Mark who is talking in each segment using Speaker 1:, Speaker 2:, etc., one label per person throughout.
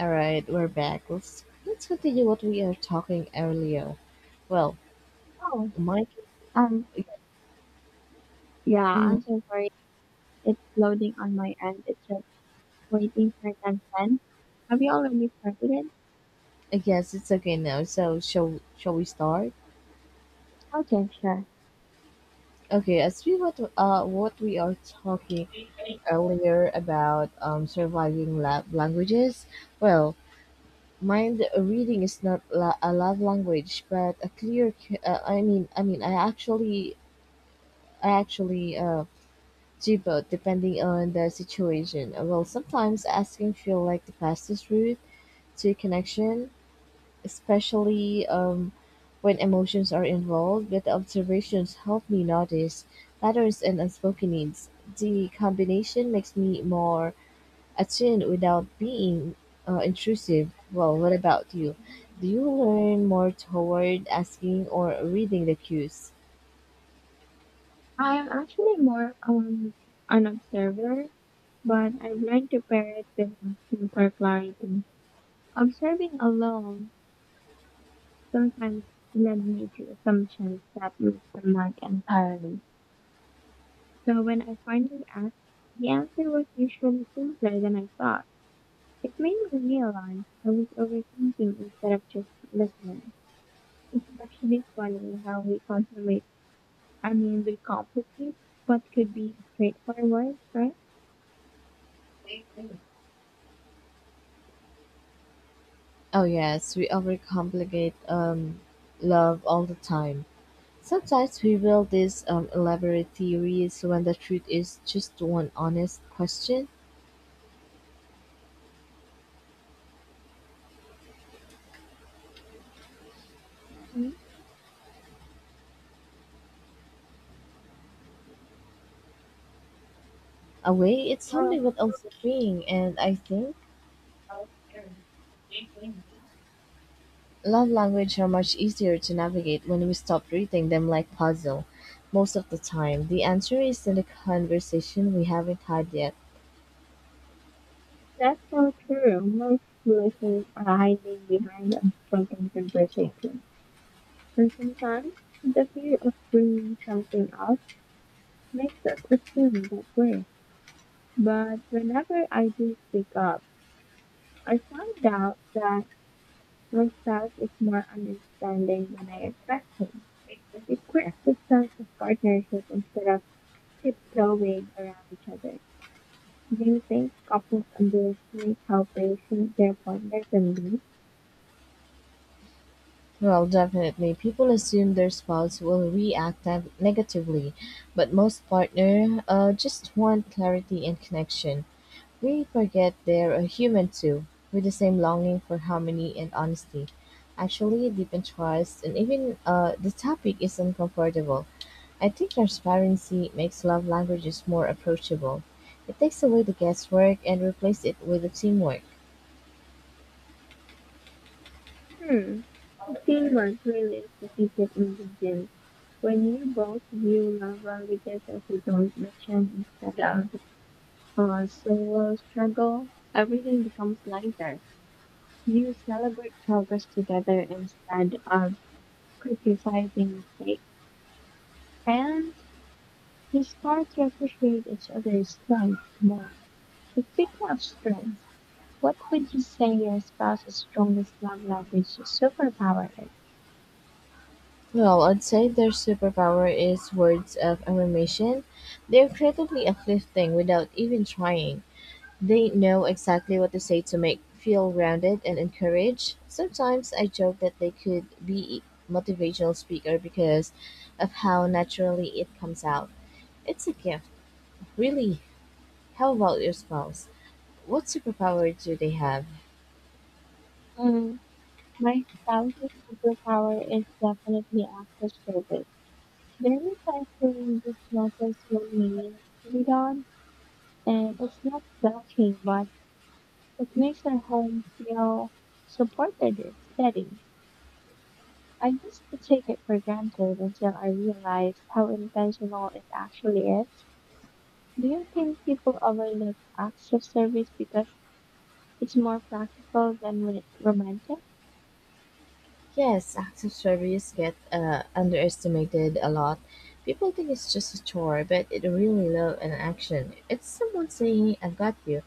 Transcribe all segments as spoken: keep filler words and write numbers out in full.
Speaker 1: All right, we're back. Let's let's continue what we are talking earlier. Well,
Speaker 2: Oh,
Speaker 1: Mike,
Speaker 2: um, yeah,
Speaker 1: mm,
Speaker 2: I'm so sorry. It's loading on my end. It's just waiting for 10 ten. Have you already started it?
Speaker 1: yes, it's okay now. So shall shall we start?
Speaker 2: Okay, sure.
Speaker 1: Okay, as we what uh what we are talking earlier about um surviving lab languages. Well, mind reading is not la- a love language, but a clear. c- Uh, I mean, I mean, I actually I actually uh do both depending on the situation. Uh, Well, sometimes asking feel like the fastest route to connection, especially um, when emotions are involved, but the observations help me notice patterns and unspoken needs. The combination makes me more attuned without being uh, intrusive. Well, what about you? Do you learn more toward asking or reading the cues?
Speaker 2: I'm actually more um an observer, but I've learned to pair it with asking for clarity. Observing alone sometimes led me to assumptions that missed the mark entirely. So when I finally asked, the answer was usually simpler than I thought. It made me realize I was overthinking instead of just listening. It's actually funny how we consummate, I mean, we complicate what could be straightforward, right?
Speaker 1: Oh, yes, we overcomplicate um, love all the time. Sometimes we build these um, elaborate theories when the truth is just one honest question
Speaker 2: Hmm?
Speaker 1: away. It's
Speaker 2: Well,
Speaker 1: humbling but also freeing, and I think love language are much easier to navigate when we stop treating them like puzzle. Most of the time, the answer is in the conversation we haven't had yet.
Speaker 2: that's so true. Most listeners are hiding behind unspoken conversation, and sometimes the fear of bringing something up makes us assume that we're. But whenever I do speak up, I found out that Rosas is more understanding than I expected. It creates a sense of partnership instead of tiptoeing around each other. Do you think couples underestimate how patient their partner can be?
Speaker 1: Well, definitely, people assume their spouse will react neg- negatively, but most partner uh, just want clarity and connection. We forget they're a human too, with the same longing for harmony and honesty. Actually, deep in trust, and even uh, the topic is uncomfortable. I think transparency makes love languages more approachable. It takes away the guesswork and replaces it with the teamwork.
Speaker 2: Hmm. Teamwork really is the secret ingredient. When you both view love languages as you don't mention instead of a solo struggle, everything becomes lighter. You celebrate progress together instead of criticizing mistakes, and you start to appreciate each other's strengths more. But speaking of strengths, what would you say your spouse's strongest love language or superpower is?
Speaker 1: Well, I'd say their superpower is words of affirmation. They're creatively uplifting without even trying. They know exactly what to say to make feel grounded and encouraged. Sometimes I joke that they could be motivational speaker because of how naturally it comes out. It's a gift, really. How about your spouse? What superpower do they have?
Speaker 2: Mm, my spouse's superpower is definitely active service. There is times when just notice when we need to be done, and it's not selfish, but it makes our home feel supported and steady. I used to take it for granted until I realized how intentional it actually is. Do you think people overlook acts of service because it's more practical than when it's romantic?
Speaker 1: Yes, acts of service get uh, underestimated a lot. People think it's just a chore, but it really love an action. It's someone saying, "I've got you."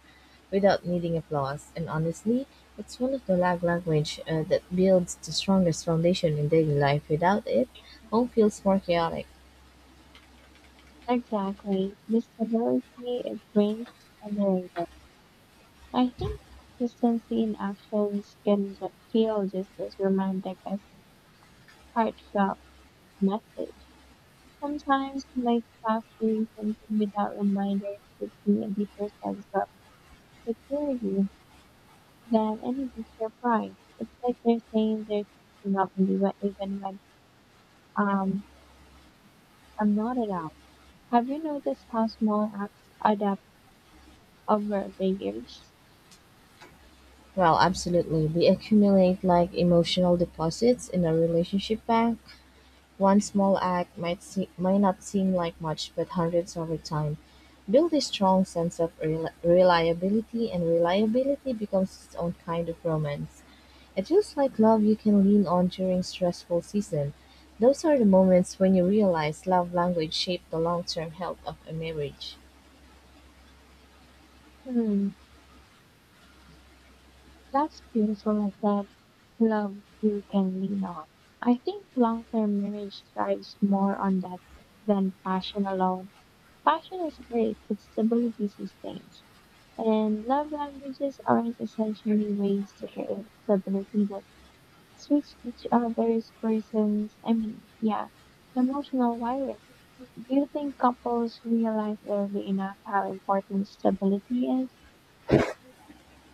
Speaker 1: without needing applause. And honestly, it's one of the lag language uh, that builds the strongest foundation in daily life. Without it, home feels more chaotic.
Speaker 2: Exactly. The stability it brings is underrated. I think consistency in actions can ju- feel just as romantic as heartfelt message. Sometimes my spouse doing something without reminders gives me a deeper sense of security than any you'd. It's like they're saying they're thinking of me when, even when um I'm not around. Have you noticed how small apps adapt over the years?
Speaker 1: Well, absolutely. They accumulate like emotional deposits in a relationship bank. One small act might see, might not seem like much, but hundreds over time build a strong sense of rel- reliability, and reliability becomes its own kind of romance. And just like love you can lean on during stressful season, those are the moments when you realize love language shape the long-term health of a marriage.
Speaker 2: Hmm, that's beautiful of that love you can lean on. I think long-term marriage thrives more on that than passion alone. Passion is great, but stability sustains. And love languages aren't essentially ways to create stability that switch each other's persons. I mean, yeah, emotional wiring. Do you think couples realize early enough how important stability is?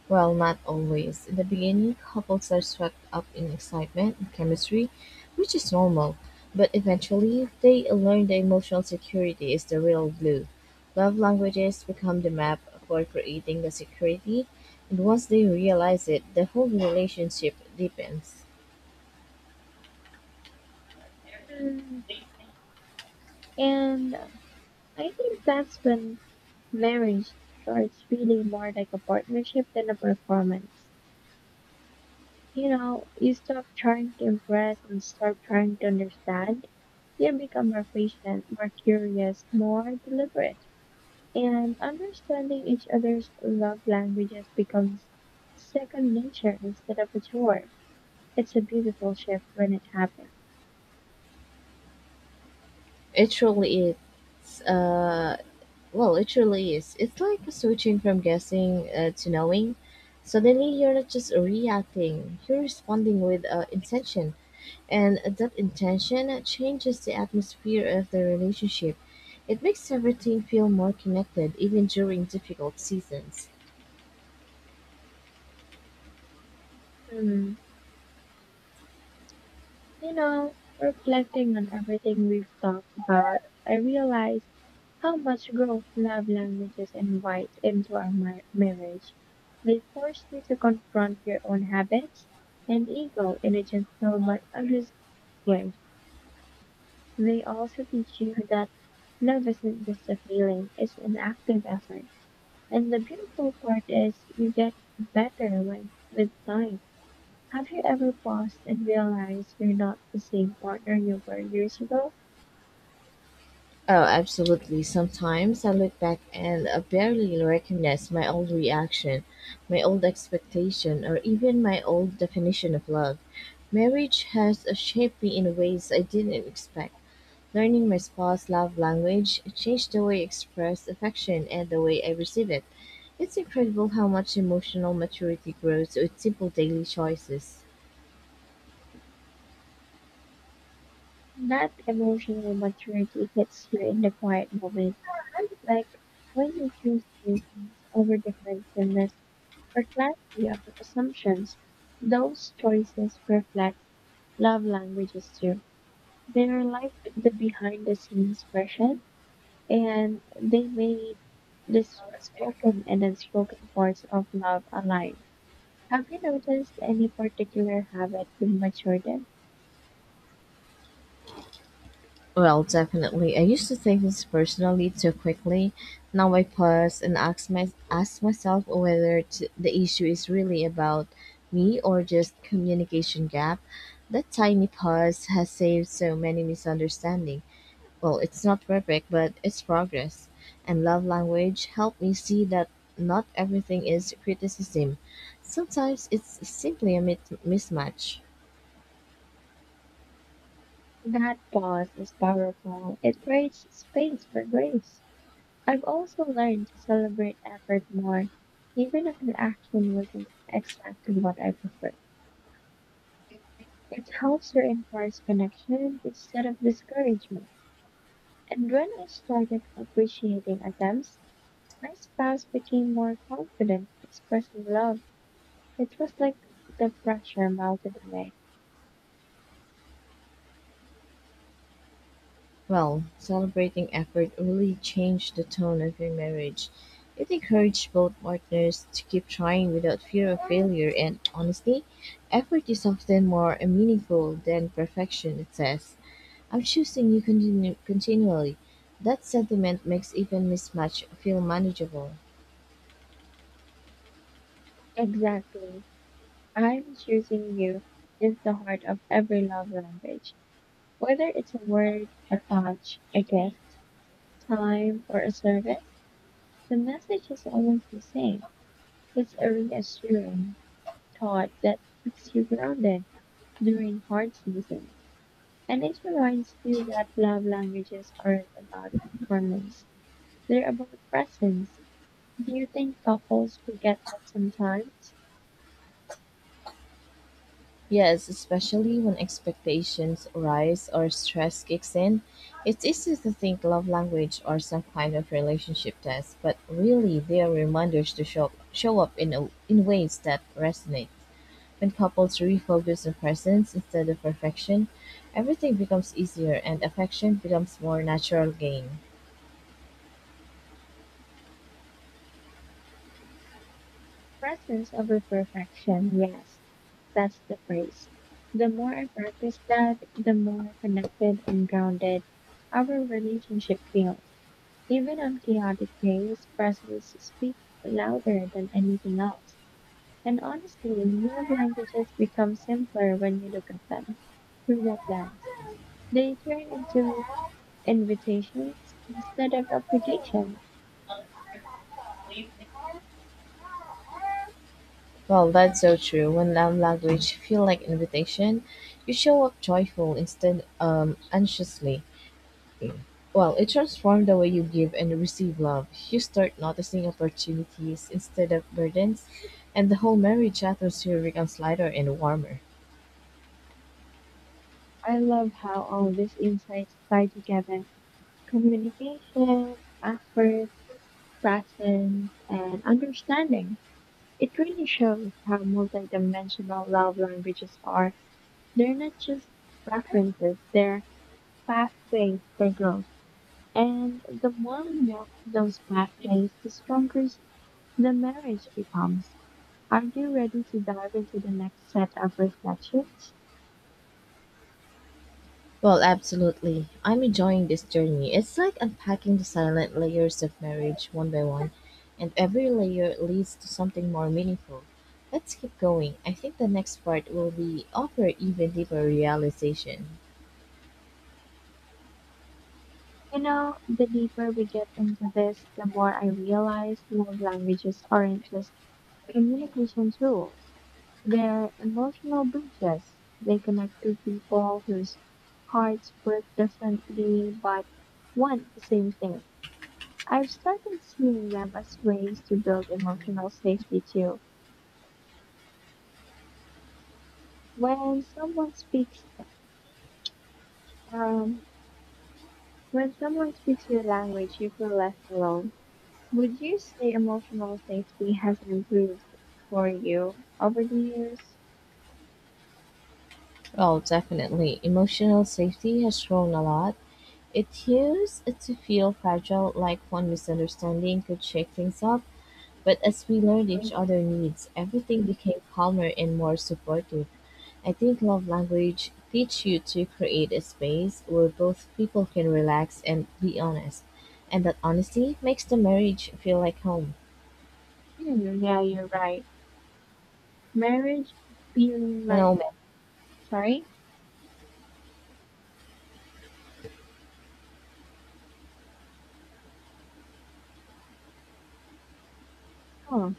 Speaker 1: Well, not always. In the beginning, couples are swept up in excitement and chemistry, which is normal, but eventually they learn that emotional security is the real glue. Love languages become the map for creating the security, and once they realize it, the whole relationship deepens.
Speaker 2: Mm, and I think that's when marriage starts feeling more like a partnership than a performance. You know, you stop trying to impress and start trying to understand. You become more patient, more curious, more deliberate, and understanding each other's love languages becomes second nature instead of a chore. It's a beautiful shift when it happens.
Speaker 1: It truly is uh, Well, it truly is. It's like switching from guessing uh, to knowing. Suddenly, you're not just reacting, you're responding with uh, intention. And that intention changes the atmosphere of the relationship. It makes everything feel more connected, even during difficult seasons.
Speaker 2: Hmm. You know, reflecting on everything we've talked about, I realize how much growth love languages invite into our mar- marriage. They force you to confront your own habits and ego in a gentle but honest way. They also teach you that love isn't just a feeling, it's an active effort. And the beautiful part is you get better with, with time. Have you ever paused and realized you're not the same partner you were years ago?
Speaker 1: Oh, absolutely. Sometimes I look back and I barely recognize my old reaction, my old expectation, or even my old definition of love. Marriage has shaped me in ways I didn't expect. Learning my spouse's love language changed the way I express affection and the way I receive it. It's incredible how much emotional maturity grows with simple daily choices.
Speaker 2: That emotional maturity hits you in the quiet moment, like when you choose patience over defensiveness or clarity over assumptions. Those choices reflect love languages too. They're like the behind the scenes version, and they made the spoken and unspoken parts of love align. Have you noticed any particular habit you matured in?
Speaker 1: Well, definitely. I used to take things personally too quickly. Now I pause and ask, my, ask myself whether t- the issue is really about me or just communication gap. That tiny pause has saved so many misunderstandings. Well, it's not perfect, but it's progress. And love language helped me see that not everything is criticism. Sometimes it's simply a mit- mismatch.
Speaker 2: That pause is powerful. It creates space for grace. I've also learned to celebrate effort more, even if the action wasn't exactly what I preferred. It helps reinforce connection instead of discouragement. And when I started appreciating attempts, my spouse became more confident, expressing love. It was like the pressure melted away.
Speaker 1: Well, celebrating effort really changed the tone of your marriage. It encouraged both partners to keep trying without fear of failure, and honestly, effort is often more meaningful than perfection. It says, I'm choosing you continu- continually. That sentiment makes even mismatch feel manageable.
Speaker 2: Exactly. I was using you is the heart of every love language. Whether it's a word, a touch, a gift, time, or a service, the message is always the same. It's a reassuring thought that keeps you grounded during hard seasons. And it reminds you that love languages aren't about performance, they're about presence. Do you think couples forget that sometimes?
Speaker 1: Yes, especially when expectations rise or stress kicks in. It's easy to think love language or some kind of relationship test, but really they are reminders to show up, show up in, a, in ways that resonate. When couples refocus on presence instead of perfection, everything becomes easier and affection becomes more natural gain.
Speaker 2: Presence over perfection, yes, that's the phrase. The more I practice that, the more connected and grounded our relationship feels. Even on chaotic days, presence speaks louder than anything else. And honestly, love languages become simpler when you look at them through that lens. They turn into invitations instead of applications.
Speaker 1: Well, that's so true. When love language feel like invitation, you show up joyful instead um anxiously. Well, it transformed the way you give and receive love. You start noticing opportunities instead of burdens, and the whole marriage atmosphere becomes lighter and warmer.
Speaker 2: I love how all these insights tie together. Communication, effort, presence, and understanding. It really shows how multidimensional love languages are. They're not just preferences, they're pathways for growth. And the more we walk those pathways, the stronger the marriage becomes. Are you ready to dive into the next set of reflections?
Speaker 1: Well, absolutely. I'm enjoying this journey. It's like unpacking the silent layers of marriage one by one, and every layer leads to something more meaningful. Let's keep going. I think the next part will be offer even deeper realization.
Speaker 2: You know, the deeper we get into this, the more I realize love languages aren't just communication tools. They're emotional bridges. They connect two people whose hearts work differently but want the same thing. I've started seeing them as ways to build emotional safety too. When someone speaks, um, when someone speaks your language, you feel less alone. Would you say emotional safety has improved for you over the years?
Speaker 1: Well, definitely. Emotional safety has grown a lot. It used to feel fragile, like one misunderstanding could shake things up, but as we
Speaker 2: Hmm,
Speaker 1: learned each other's needs, everything became calmer and more supportive. I think love language teach you to create a space where both people can relax and be honest, and that honesty makes the marriage feel like home.
Speaker 2: yeah, you're right. Marriage feeling like,
Speaker 1: Well,
Speaker 2: sorry? Oh.